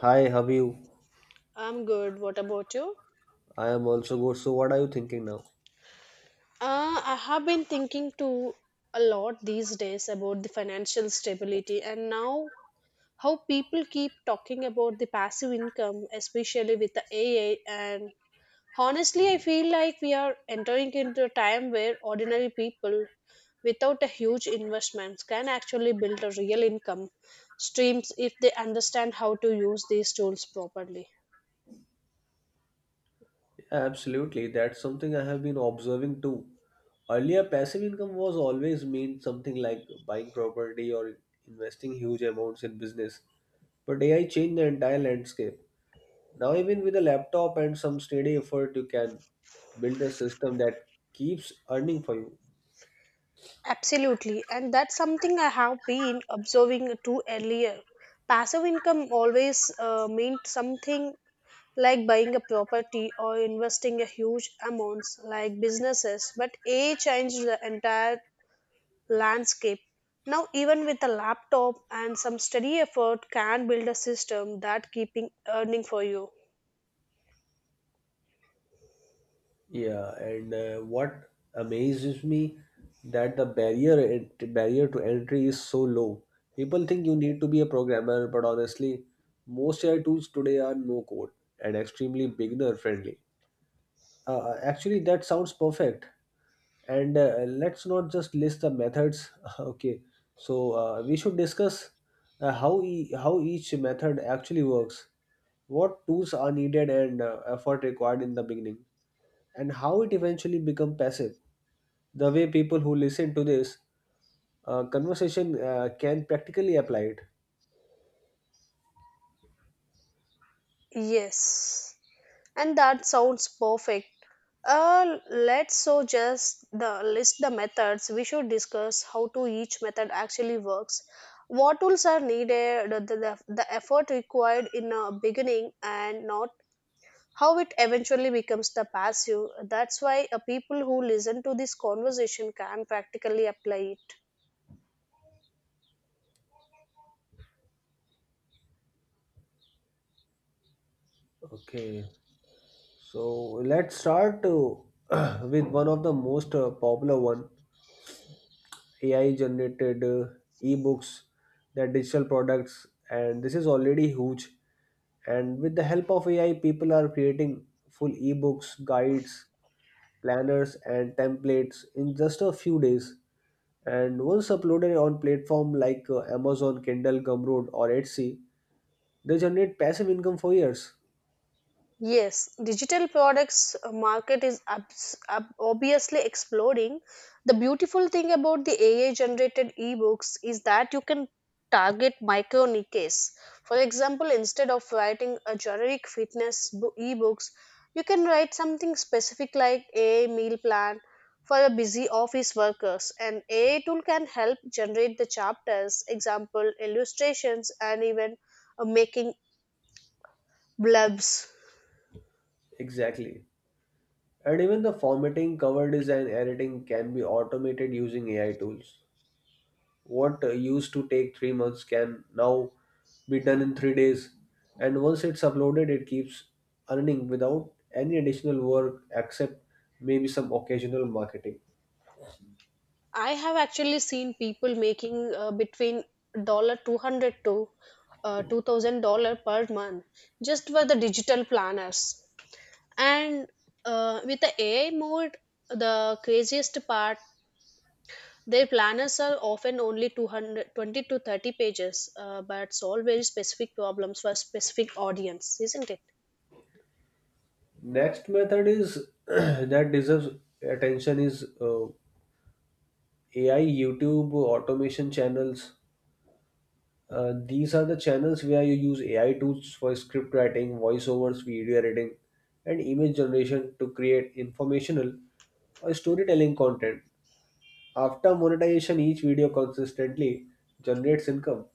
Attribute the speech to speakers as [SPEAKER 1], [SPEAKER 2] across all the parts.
[SPEAKER 1] Hi, how are you?
[SPEAKER 2] I'm good. What about you?
[SPEAKER 1] I am also good. So, what are you thinking now?
[SPEAKER 2] I have been thinking too a lot these days about the financial stability and now how people keep talking about the passive income, especially with the AI. And honestly, I feel like we are entering into a time where ordinary people without a huge investments can actually build a real income streams if they understand how to use these tools properly.
[SPEAKER 1] Absolutely, that's something I have been observing too. Earlier, passive income was always meant something like buying property or investing huge amounts in business. But AI changed the entire landscape. Now, even with a laptop and some steady effort, you can build a system that keeps earning for you.
[SPEAKER 2] Absolutely, and that's something I have been observing too earlier. Passive income always meant something like buying a property or investing a huge amounts like businesses, but AI changed the entire landscape. Now, even with a laptop and some steady effort, can build a system that keeping earning for you.
[SPEAKER 1] Yeah, and what amazes me that the barrier to entry is so low. People think you need to be a programmer, but honestly, most AI tools today are no code and extremely beginner friendly. Actually, that sounds perfect. And let's not just list the methods. Okay, so we should discuss how how each method actually works, what tools are needed and effort required in the beginning, and how it eventually become passive. The way people who listen to this conversation can practically apply it.
[SPEAKER 2] Yes. And that sounds perfect, let's so just the list the methods. We should discuss how to each method actually works, what tools are needed, the effort required in the beginning and not how it eventually becomes the passive. That's why people who listen to this conversation can practically apply it.
[SPEAKER 1] Okay, so let's start with one of the most popular one AI generated ebooks, their digital products, and this is already huge. And with the help of AI, people are creating full ebooks, guides, planners, and templates in just a few days. And once uploaded on platform like Amazon, Kindle, Gumroad, or Etsy, they generate passive income for years.
[SPEAKER 2] Yes, digital products market is obviously exploding. The beautiful thing about the AI generated ebooks is that you can target micro niches. For example, instead of writing a generic fitness ebooks, you can write something specific like a I meal plan for a busy office workers. An AI tool can help generate the chapters, example illustrations, and even making blurbs.
[SPEAKER 1] Exactly. And even the formatting, cover design, editing can be automated using AI tools. What used to take 3 months can now be done in 3 days. And once it's uploaded, it keeps earning without any additional work except maybe some occasional marketing.
[SPEAKER 2] I have actually seen people making between $200 to $2,000 per month just for the digital planners. And with the AI mode, the craziest part, their planners are often only 220 to 30 pages, but solve very specific problems for specific audience, isn't it?
[SPEAKER 1] Next method is that deserves attention is AI, YouTube, automation channels. These are the channels where you use AI tools for script writing, voiceovers, video editing, and image generation to create informational or storytelling content. After monetization, each video consistently generates income.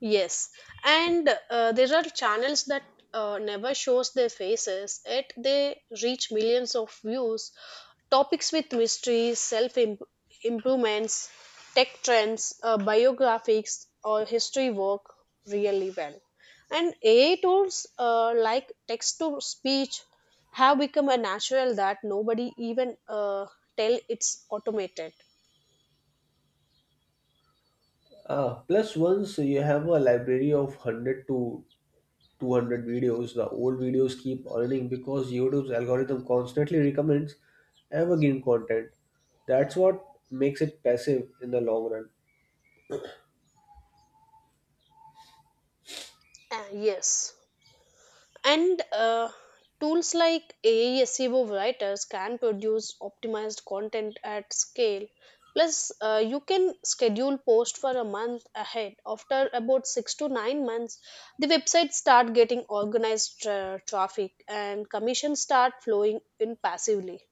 [SPEAKER 2] Yes, and there are channels that never shows their faces, yet they reach millions of views. Topics with mysteries, self improvements, tech trends, biographics, or history work really well. And AI tools like text to speech have become a natural that nobody even tell it's automated.
[SPEAKER 1] Ah, plus once you have a library of 100 to 200 videos, the old videos keep earning because YouTube's algorithm constantly recommends evergreen content. That's what makes it passive in the long run.
[SPEAKER 2] Yes. And tools like AI SEO writers can produce optimized content at scale. Plus, you can schedule post for a month ahead. After about 6 to 9 months, the website start getting organized traffic and commissions start flowing in passively.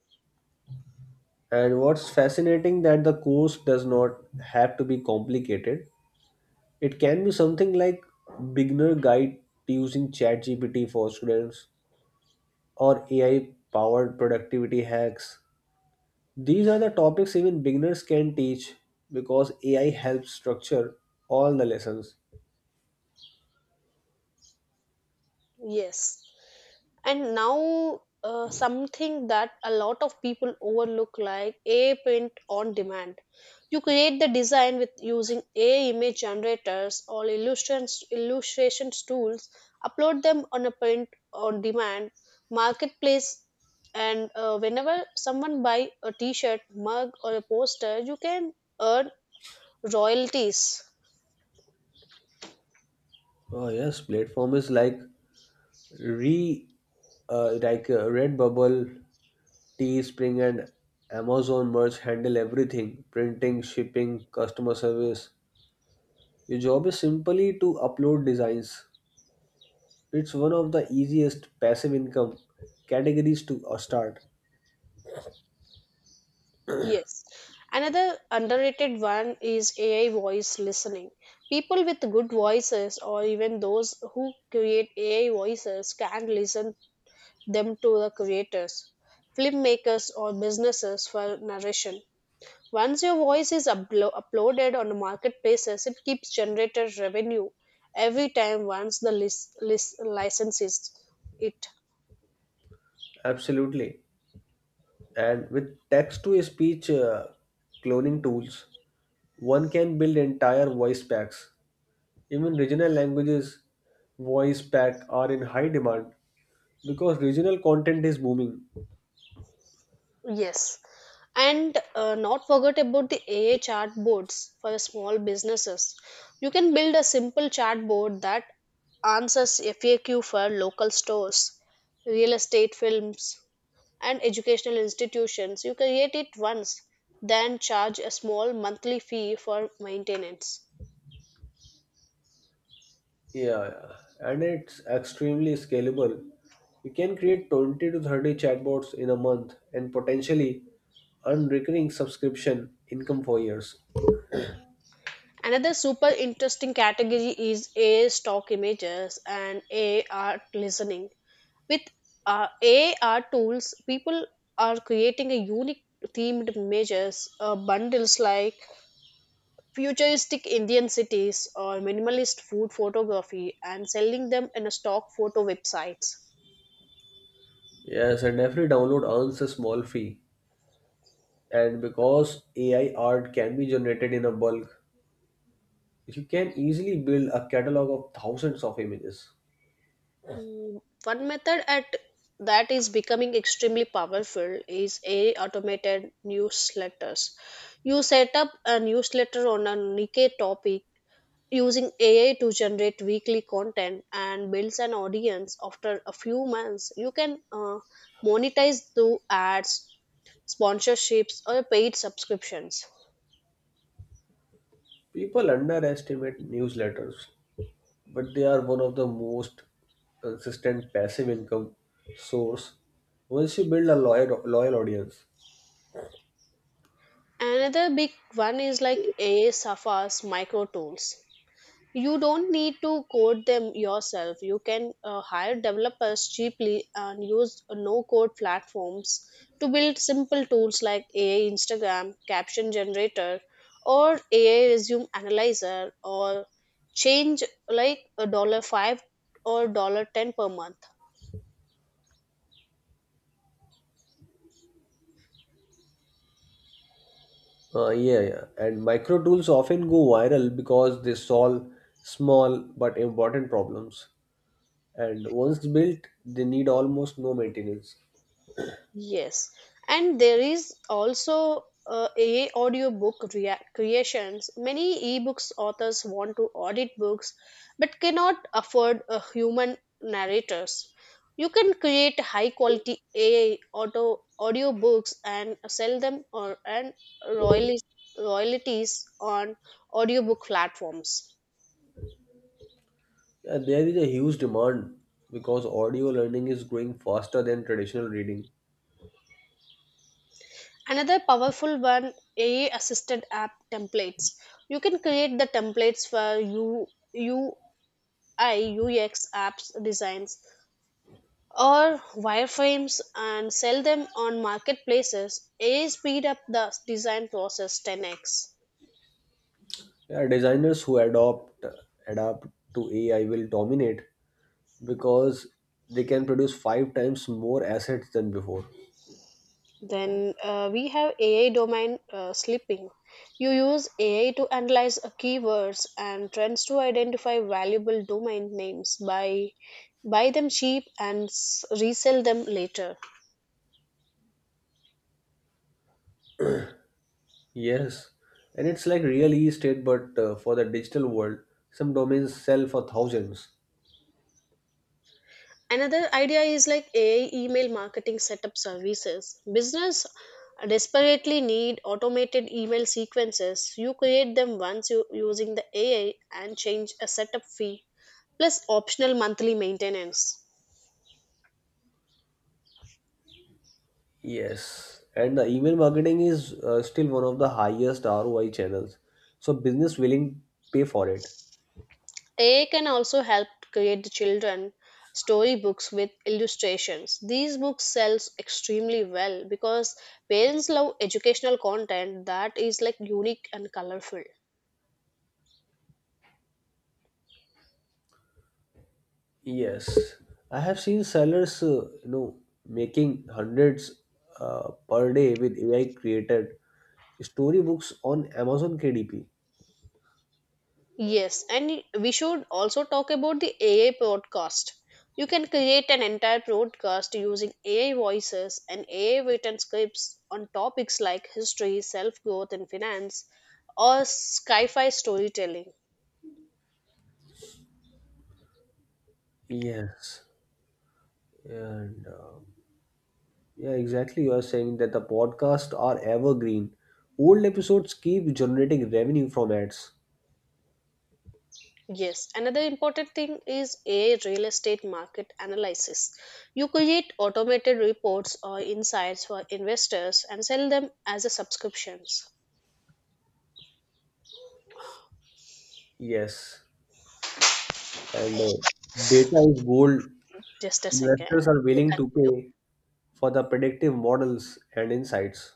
[SPEAKER 1] And what's fascinating that the course does not have to be complicated. It can be something like beginner guide to using ChatGPT for students or AI powered productivity hacks. These are the topics even beginners can teach because AI helps structure all the lessons.
[SPEAKER 2] Yes. And now, something that a lot of people overlook like AI print on demand. You create the design with using AI image generators or illustrations tools, upload them on a print on demand marketplace, and whenever someone buy a t-shirt, mug or a poster, you can earn royalties.
[SPEAKER 1] Oh yes, platform is re like Redbubble, Teespring, and Amazon Merch handle everything: printing, shipping, customer service. Your job is simply to upload designs. It's one of the easiest passive income categories to start.
[SPEAKER 2] Yes. Another underrated one is AI voice listening. People with good voices or even those who create AI voices can listen them to the creators, filmmakers or businesses for narration. Once your voice is uploaded on the marketplaces, it keeps generated revenue every time once the license is it.
[SPEAKER 1] Absolutely. And with text to speech cloning tools, one can build entire voice packs. Even regional languages voice pack are in high demand because regional content is booming.
[SPEAKER 2] Yes, and not forget about the AI chatbots for the small businesses. You can build a simple chatbot that answers FAQ for local stores, real estate films, and educational institutions. You create it once, then charge a small monthly fee for maintenance.
[SPEAKER 1] Yeah, and it's extremely scalable. You can create 20 to 30 chatbots in a month and potentially earn recurring subscription income for years.
[SPEAKER 2] Another super interesting category is AI stock images and AI art listening. With uh, AR tools, people are creating a unique themed images, bundles like futuristic Indian cities or minimalist food photography, and selling them in a stock photo websites.
[SPEAKER 1] Yes, and every download earns a small fee, and because ai art can be generated in a bulk, you can easily build a catalog of thousands of images.
[SPEAKER 2] One method at that is becoming extremely powerful is a automated newsletters. You set up a newsletter on a niche topic using AI to generate weekly content and builds an audience after a few months, you can monetize through ads, sponsorships, or paid subscriptions.
[SPEAKER 1] People underestimate newsletters, but they are one of the most consistent passive income source once you build a loyal audience.
[SPEAKER 2] Another big one is like AI Safa's micro tools. You don't need to code them yourself. You can hire developers cheaply and use no code platforms to build simple tools like AI Instagram caption generator or AI resume analyzer or change like a $5 or $10 per month.
[SPEAKER 1] Yeah, yeah, and micro tools often go viral because they solve small but important problems, and once built, they need almost no maintenance.
[SPEAKER 2] Yes, and there is also a audiobook creations. Many ebooks authors want to audit books but cannot afford a human narrators. You can create high quality AI auto audiobooks and sell them or and royalties royalties on audiobook platforms.
[SPEAKER 1] There is a huge demand because audio learning is growing faster than traditional reading.
[SPEAKER 2] Another powerful one AI assisted app templates. You can create the templates for you IUX apps designs or wireframes and sell them on marketplaces. AI speed up the design process 10x.
[SPEAKER 1] Yeah, designers who adopt adapt to AI will dominate because they can produce five times more assets than before.
[SPEAKER 2] Then we have AI domain slipping. You use AI to analyze keywords and trends to identify valuable domain names, buy them cheap and resell them later.
[SPEAKER 1] Yes, and it's like real estate, but for the digital world, some domains sell for thousands.
[SPEAKER 2] Another idea is like AI email marketing setup services. Business desperately need automated email sequences. You create them once you using the AI and change a setup fee plus optional monthly maintenance.
[SPEAKER 1] Yes, and the email marketing is still one of the highest ROI channels, so business willing pay for it.
[SPEAKER 2] AI can also help create the children storybooks with illustrations. These books sells extremely well because parents love educational content that is like unique and colorful.
[SPEAKER 1] Yes, I have seen sellers, making hundreds per day with AI created storybooks on Amazon KDP.
[SPEAKER 2] Yes, and we should also talk about the AI podcast. You can create an entire podcast using AI voices and AI written scripts on topics like history, self growth, and finance, or sci fi storytelling.
[SPEAKER 1] Yes, and yeah, exactly. You are saying that the podcasts are evergreen. Old episodes keep generating revenue from ads.
[SPEAKER 2] Yes, another important thing is AI real estate market analysis. You create automated reports or insights for investors and sell them as a subscriptions.
[SPEAKER 1] Yes, and data is gold.
[SPEAKER 2] Just a second.
[SPEAKER 1] Investors are
[SPEAKER 2] You
[SPEAKER 1] willing
[SPEAKER 2] can-
[SPEAKER 1] to pay for the predictive models and insights.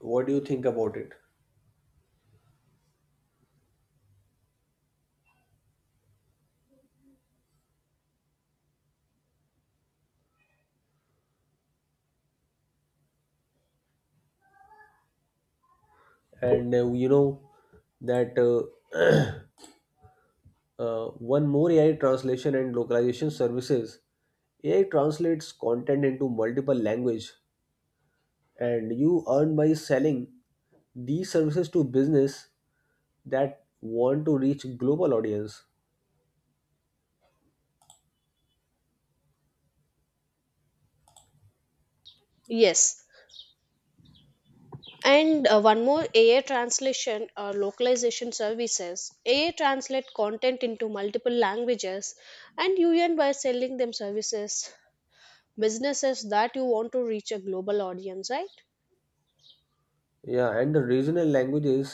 [SPEAKER 1] What do you think about it? And you know that one more ai translation and localization services. AI translates content into multiple language, and you earn by selling these services to business that want to reach global audience.
[SPEAKER 2] Yes, and one more AI translation or localization services. AI translate content into multiple languages and you earn by selling them services, businesses that you want to reach a global audience, right?
[SPEAKER 1] Yeah, and the regional languages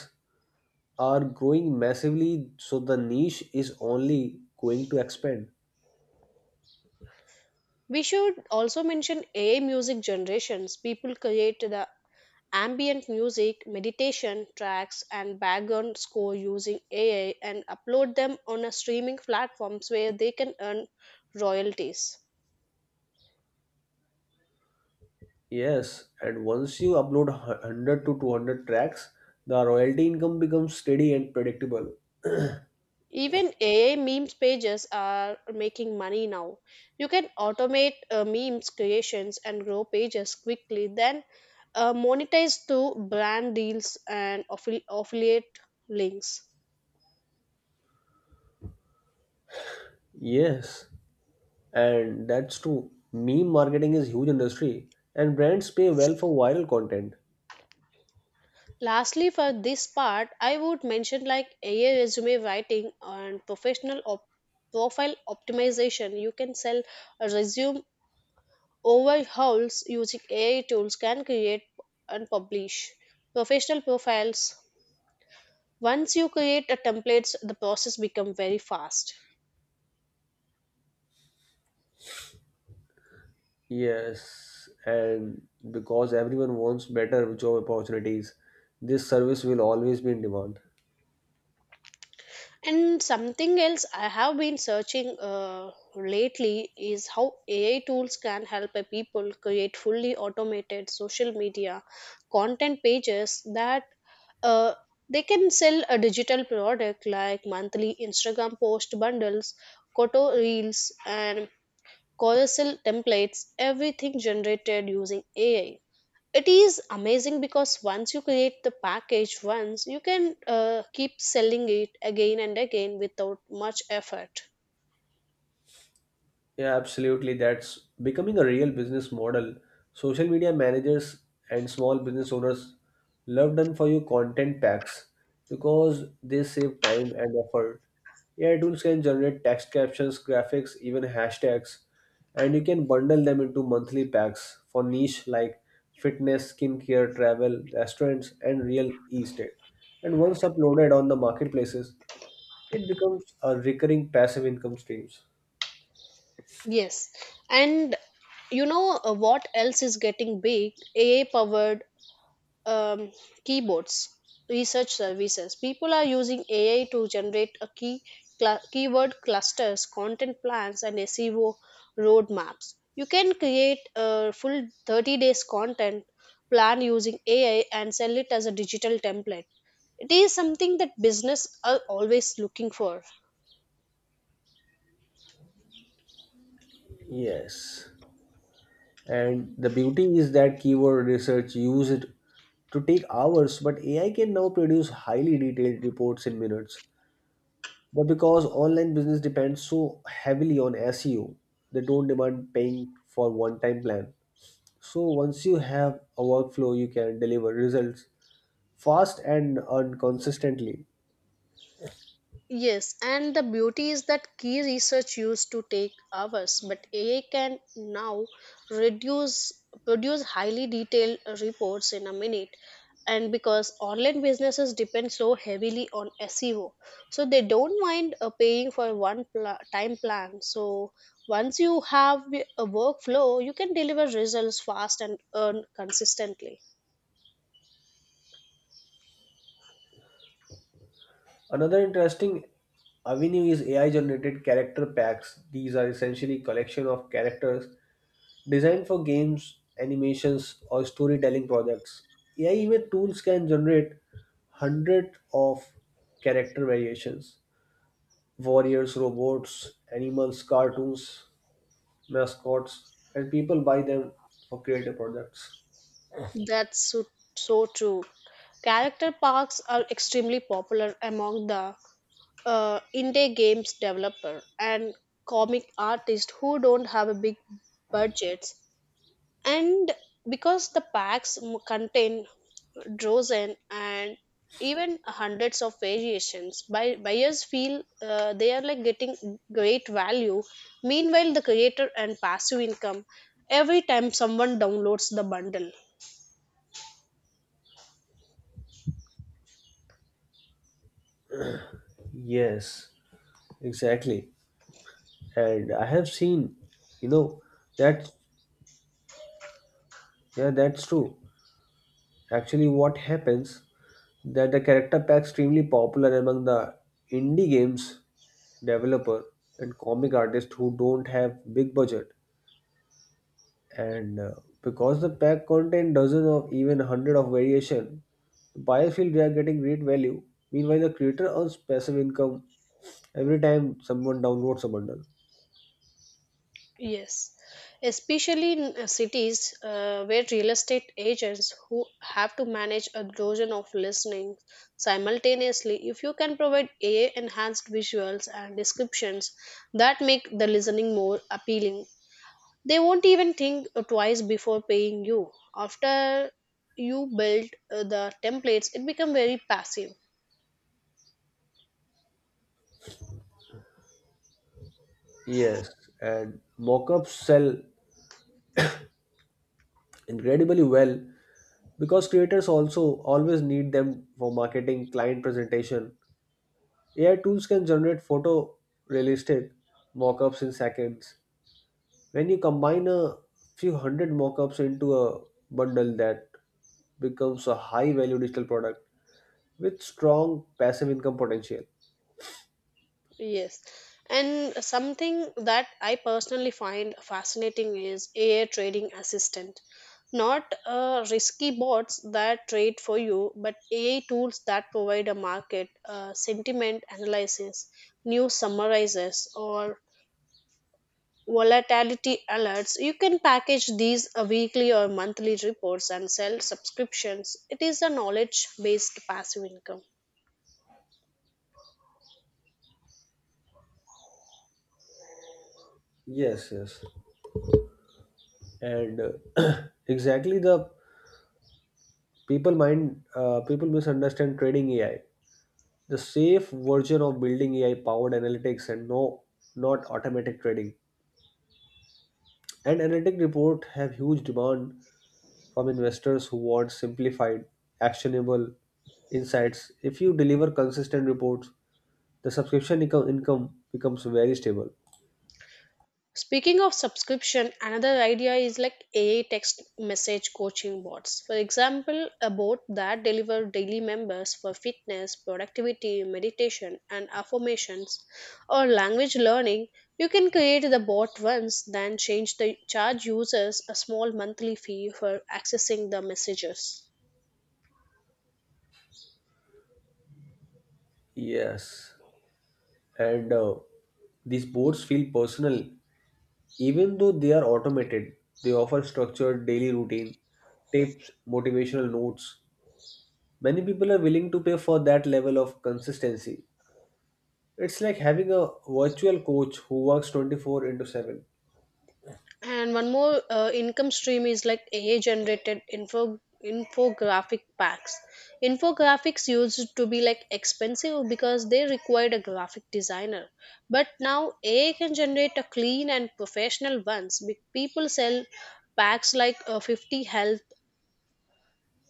[SPEAKER 1] are growing massively, so the niche is only going to expand.
[SPEAKER 2] We should also mention AI music generations. People create the ambient music, meditation tracks, and background score using AI and upload them on a streaming platforms where they can earn royalties.
[SPEAKER 1] Yes, and once you upload 100 to 200 tracks, the royalty income becomes steady and predictable.
[SPEAKER 2] Even AI memes pages are making money now. You can automate memes creations and grow pages quickly, then monetize through brand deals and affiliate links.
[SPEAKER 1] Yes, and that's true. Meme marketing is huge industry and brands pay well for viral content.
[SPEAKER 2] Lastly, for this part, I would mention like AI resume writing and professional profile optimization. You can sell a resume overhauls using AI tools, can create and publish professional profiles. Once you create a templates, the process become very fast.
[SPEAKER 1] Yes, and because everyone wants better job opportunities, this service will always be in demand.
[SPEAKER 2] And something else I have been searching lately is how AI tools can help a people create fully automated social media content pages that uh, they can sell a digital product like monthly Instagram post bundles, koto reels and carousel templates, everything generated using AI. It is amazing because once you create the package once, you can keep selling it again and again without much effort.
[SPEAKER 1] Yeah, absolutely. That's becoming a real business model. Social media managers and small business owners love done for you content packs because they save time and effort. AI tools can generate text captions, graphics, even hashtags, and you can bundle them into monthly packs for niche like fitness, skincare, travel, restaurants, and real estate. And once uploaded on the marketplaces, it becomes a recurring passive income streams.
[SPEAKER 2] Yes, and you know what else is getting big? AI powered um, keyboards research services. People are using AI to generate a keyword clusters, content plans and SEO roadmaps. You can create a full 30 days content plan using AI and sell it as a digital template. It is something that business are always looking for.
[SPEAKER 1] Yes. And the beauty is that keyword research used to take hours, but AI can now produce highly detailed reports in minutes. But because online business depends so heavily on SEO, they don't demand paying for one-time plan. So once you have a workflow, you can deliver results fast and earn consistently.
[SPEAKER 2] Yes, and the beauty is that key research used to take hours, but AI can now reduce produce highly detailed reports in a minute. And because online businesses depend so heavily on SEO, so they don't mind paying for one time plan. So once you have a workflow, you can deliver results fast and earn consistently.
[SPEAKER 1] Another interesting avenue is AI generated character packs. These are essentially collection of characters designed for games, animations, or storytelling projects. AI image tools can generate hundreds of character variations: warriors, robots, animals, cartoons, mascots, and people buy them for creative products.
[SPEAKER 2] That's so, so true. Character parks are extremely popular among the indie games developer and comic artists who don't have a big budgets. And because the packs contain dozen and even hundreds of variations, buyers feel they are like getting great value. Meanwhile, the creator and passive income every time someone downloads the bundle.
[SPEAKER 1] Yes, exactly. And I have seen, you know, that's yeah, that's true. Actually, what happens that the character pack extremely popular among the indie games developer and comic artists who don't have big budget. And because the pack contain dozens of even hundred of variation, the buyers feel they are getting great value. Meanwhile, the creator earns passive income every time someone downloads a bundle.
[SPEAKER 2] Yes, especially in cities where real estate agents who have to manage a dozen of listings simultaneously, if you can provide AI enhanced visuals and descriptions that make the listening more appealing, they won't even think twice before paying you. After you build the templates, it becomes very passive.
[SPEAKER 1] Yes, and mock-ups sell incredibly well because creators also always need them for marketing, client presentation. AI tools can generate photorealistic mock-ups in seconds. When you combine a few 100 mockups into a bundle, that becomes a high-value digital product with strong passive income potential.
[SPEAKER 2] Yes. And something that I personally find fascinating is AI trading assistant. Not risky bots that trade for you, but AI tools that provide a market sentiment analysis, news summarizes, or volatility alerts. You can package these weekly or monthly reports and sell subscriptions. It is a knowledge based passive income.
[SPEAKER 1] Yes, yes, and uh, exactly the people mind people misunderstand trading AI. The safe version of building AI powered analytics and no, not automatic trading. And analytic report have huge demand from investors who want simplified, actionable insights. If you deliver consistent reports, the subscription income becomes very stable.
[SPEAKER 2] Speaking of subscription, another idea is like AI text message coaching bots. For example, a bot that delivers daily members for fitness, productivity, meditation, and affirmations or language learning. You can create the bot once, then change the charge users a small monthly fee for accessing the messages.
[SPEAKER 1] Yes, and these boards feel personal, even though they are automated. They offer structured daily routine, tips, motivational notes. Many people are willing to pay for that level of consistency. It's like having a virtual coach who works 24 into 7.
[SPEAKER 2] And one more income stream is like AI generated infographic packs. Infographics used to be like expensive because they required a graphic designer. But now AI can generate a clean and professional ones. People sell packs like 50 health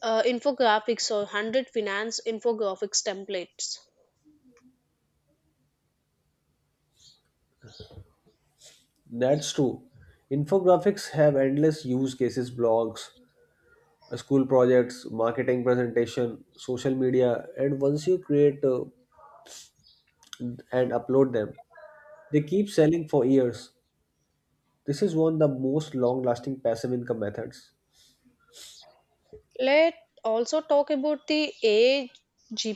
[SPEAKER 2] infographics or 100 finance infographics templates.
[SPEAKER 1] That's true. Infographics have endless use cases: blogs, school projects, marketing presentation, social media, and once you create and upload them, they keep selling for years. This is one of the most long lasting passive income methods.
[SPEAKER 2] Let also talk about the AI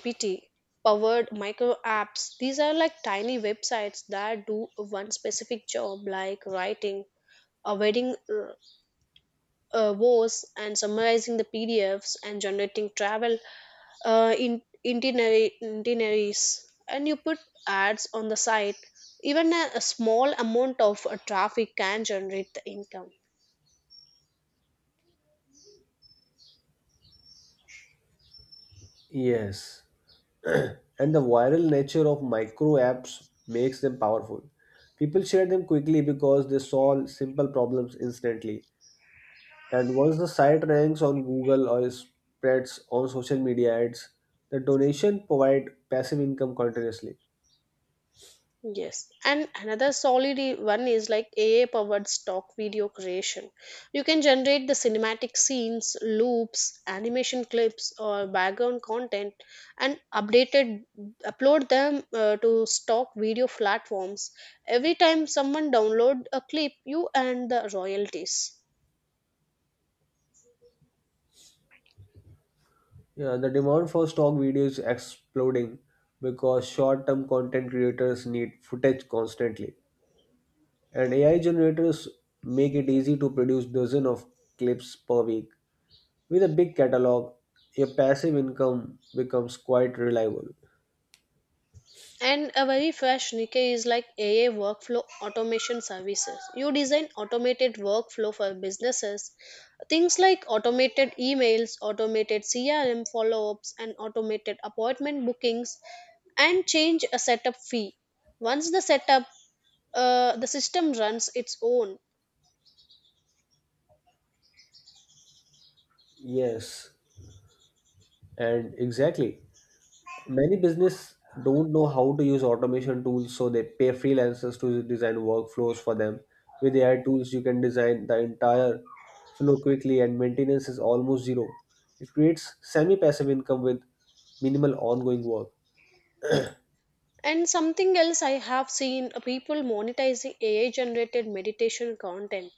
[SPEAKER 2] powered micro apps. These are like tiny websites that do one specific job, like writing a wedding vows and summarizing the PDFs and generating travel in itineraries. And you put ads on the site. Even a small amount of traffic can generate the income.
[SPEAKER 1] Yes. And the viral nature of micro apps makes them powerful. People share them quickly because they solve simple problems instantly. And once the site ranks on Google or spreads on social media ads, the donation provide passive income continuously.
[SPEAKER 2] Yes, and another solid one is like AI powered stock video creation. You can generate the cinematic scenes, loops, animation clips, or background content and updated upload them to stock video platforms. Every time someone download a clip, you earn the royalties.
[SPEAKER 1] Yeah, the demand for stock videos is exploding because short-term content creators need footage constantly. And AI generators make it easy to produce dozens of clips per week. With a big catalog, your passive income becomes quite reliable.
[SPEAKER 2] And a very fresh Nikkei is like AA workflow automation services. You design automated workflow for businesses. Things like automated emails, automated CRM follow ups, and automated appointment bookings, and change a setup fee. Once the setup, the system runs its own.
[SPEAKER 1] Yes, and exactly. Many business don't know how to use automation tools, so they pay freelancers to design workflows for them. With AI tools, you can design the entire flow quickly, and maintenance is almost zero. It creates semi-passive income with minimal ongoing work.
[SPEAKER 2] And something else I have seen people monetizing AI generated meditation content.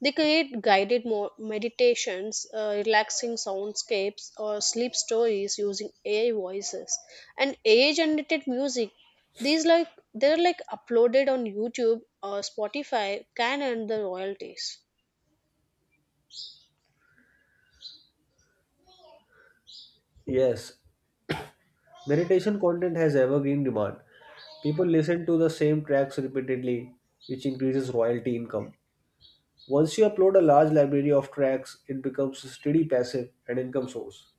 [SPEAKER 2] They create guided meditations, relaxing soundscapes, or sleep stories using AI voices and AI generated music. These like they're like uploaded on YouTube or Spotify can earn the royalties.
[SPEAKER 1] Yes. Meditation content has evergreen demand. People listen to the same tracks repeatedly, which increases royalty income. Once you upload a large library of tracks, it becomes a steady passive and income source.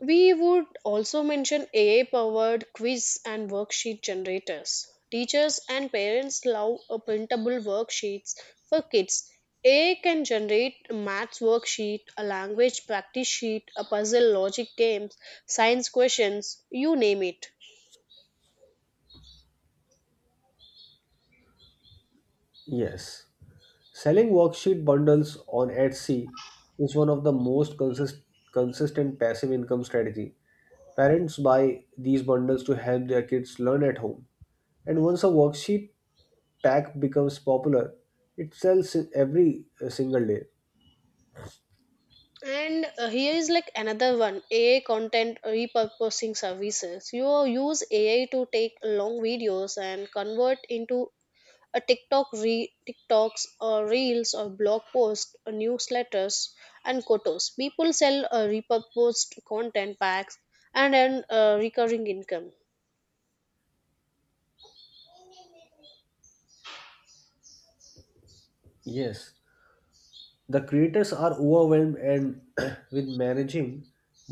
[SPEAKER 2] We would also mention AI powered quiz and worksheet generators. Teachers and parents love a printable worksheets for kids. AI can generate a maths worksheet, a language practice sheet, a puzzle logic games, science questions, you name it.
[SPEAKER 1] Yes. Selling worksheet bundles on Etsy is one of the most consistent passive income strategy. Parents buy these bundles to help their kids learn at home. And once a worksheet pack becomes popular, it sells every single day.
[SPEAKER 2] And here is like another one AI content repurposing services. You use AI to take long videos and convert into a TikToks or reels or blog posts or newsletters and quotas. People sell repurposed content packs and earn recurring income.
[SPEAKER 1] Yes, the creators are overwhelmed and with managing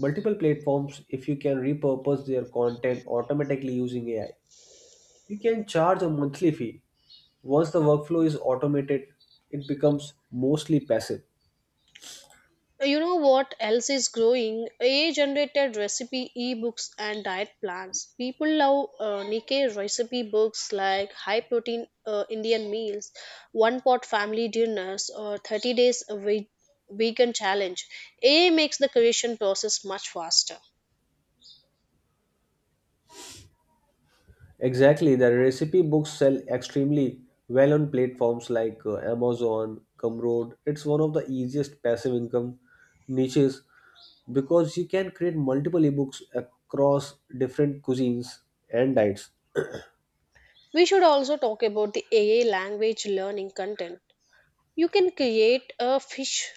[SPEAKER 1] multiple platforms if you can repurpose their content automatically using AI. You can charge a monthly fee. Once the workflow is automated, it becomes mostly passive.
[SPEAKER 2] You know what else is growing? AI generated recipe ebooks and diet plans. People love Nikkei recipe books like high protein Indian meals, one pot family dinners, or 30 days a vegan challenge. AI makes the creation process much faster.
[SPEAKER 1] Exactly, the recipe books sell extremely well on platforms like Amazon, Gumroad. It's one of the easiest passive income niches because you can create multiple ebooks across different cuisines and diets.
[SPEAKER 2] We should also talk about the AI language learning content. You can create a fish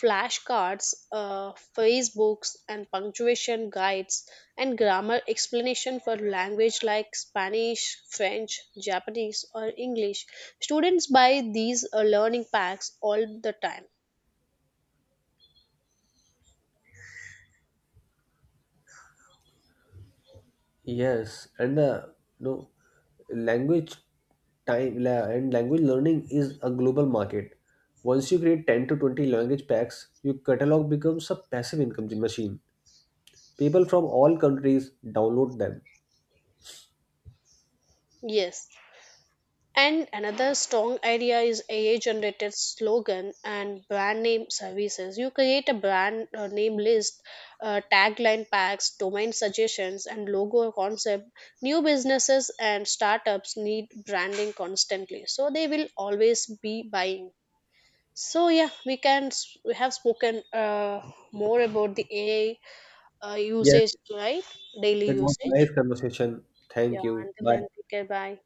[SPEAKER 2] flashcards, Facebooks, and punctuation guides and grammar explanation for language like Spanish, French, Japanese, or English. Students buy these learning packs all the time.
[SPEAKER 1] Yes, and the you know, language time la- and language learning is a global market. Once you create 10 to 20 language packs, your catalog becomes a passive income machine. People from all countries download them.
[SPEAKER 2] Yes, and another strong idea is AI generated slogan and brand name services. You create a brand name list, tagline packs, domain suggestions, and logo concept. New businesses and startups need branding constantly, so they will always be buying. So yeah, we have spoken more about the AI
[SPEAKER 1] Yes,
[SPEAKER 2] usage, right? Daily
[SPEAKER 1] it was nice
[SPEAKER 2] usage.
[SPEAKER 1] conversation.
[SPEAKER 2] Yeah.
[SPEAKER 1] Thank you.
[SPEAKER 2] Until
[SPEAKER 1] Bye.
[SPEAKER 2] then, take care. Bye.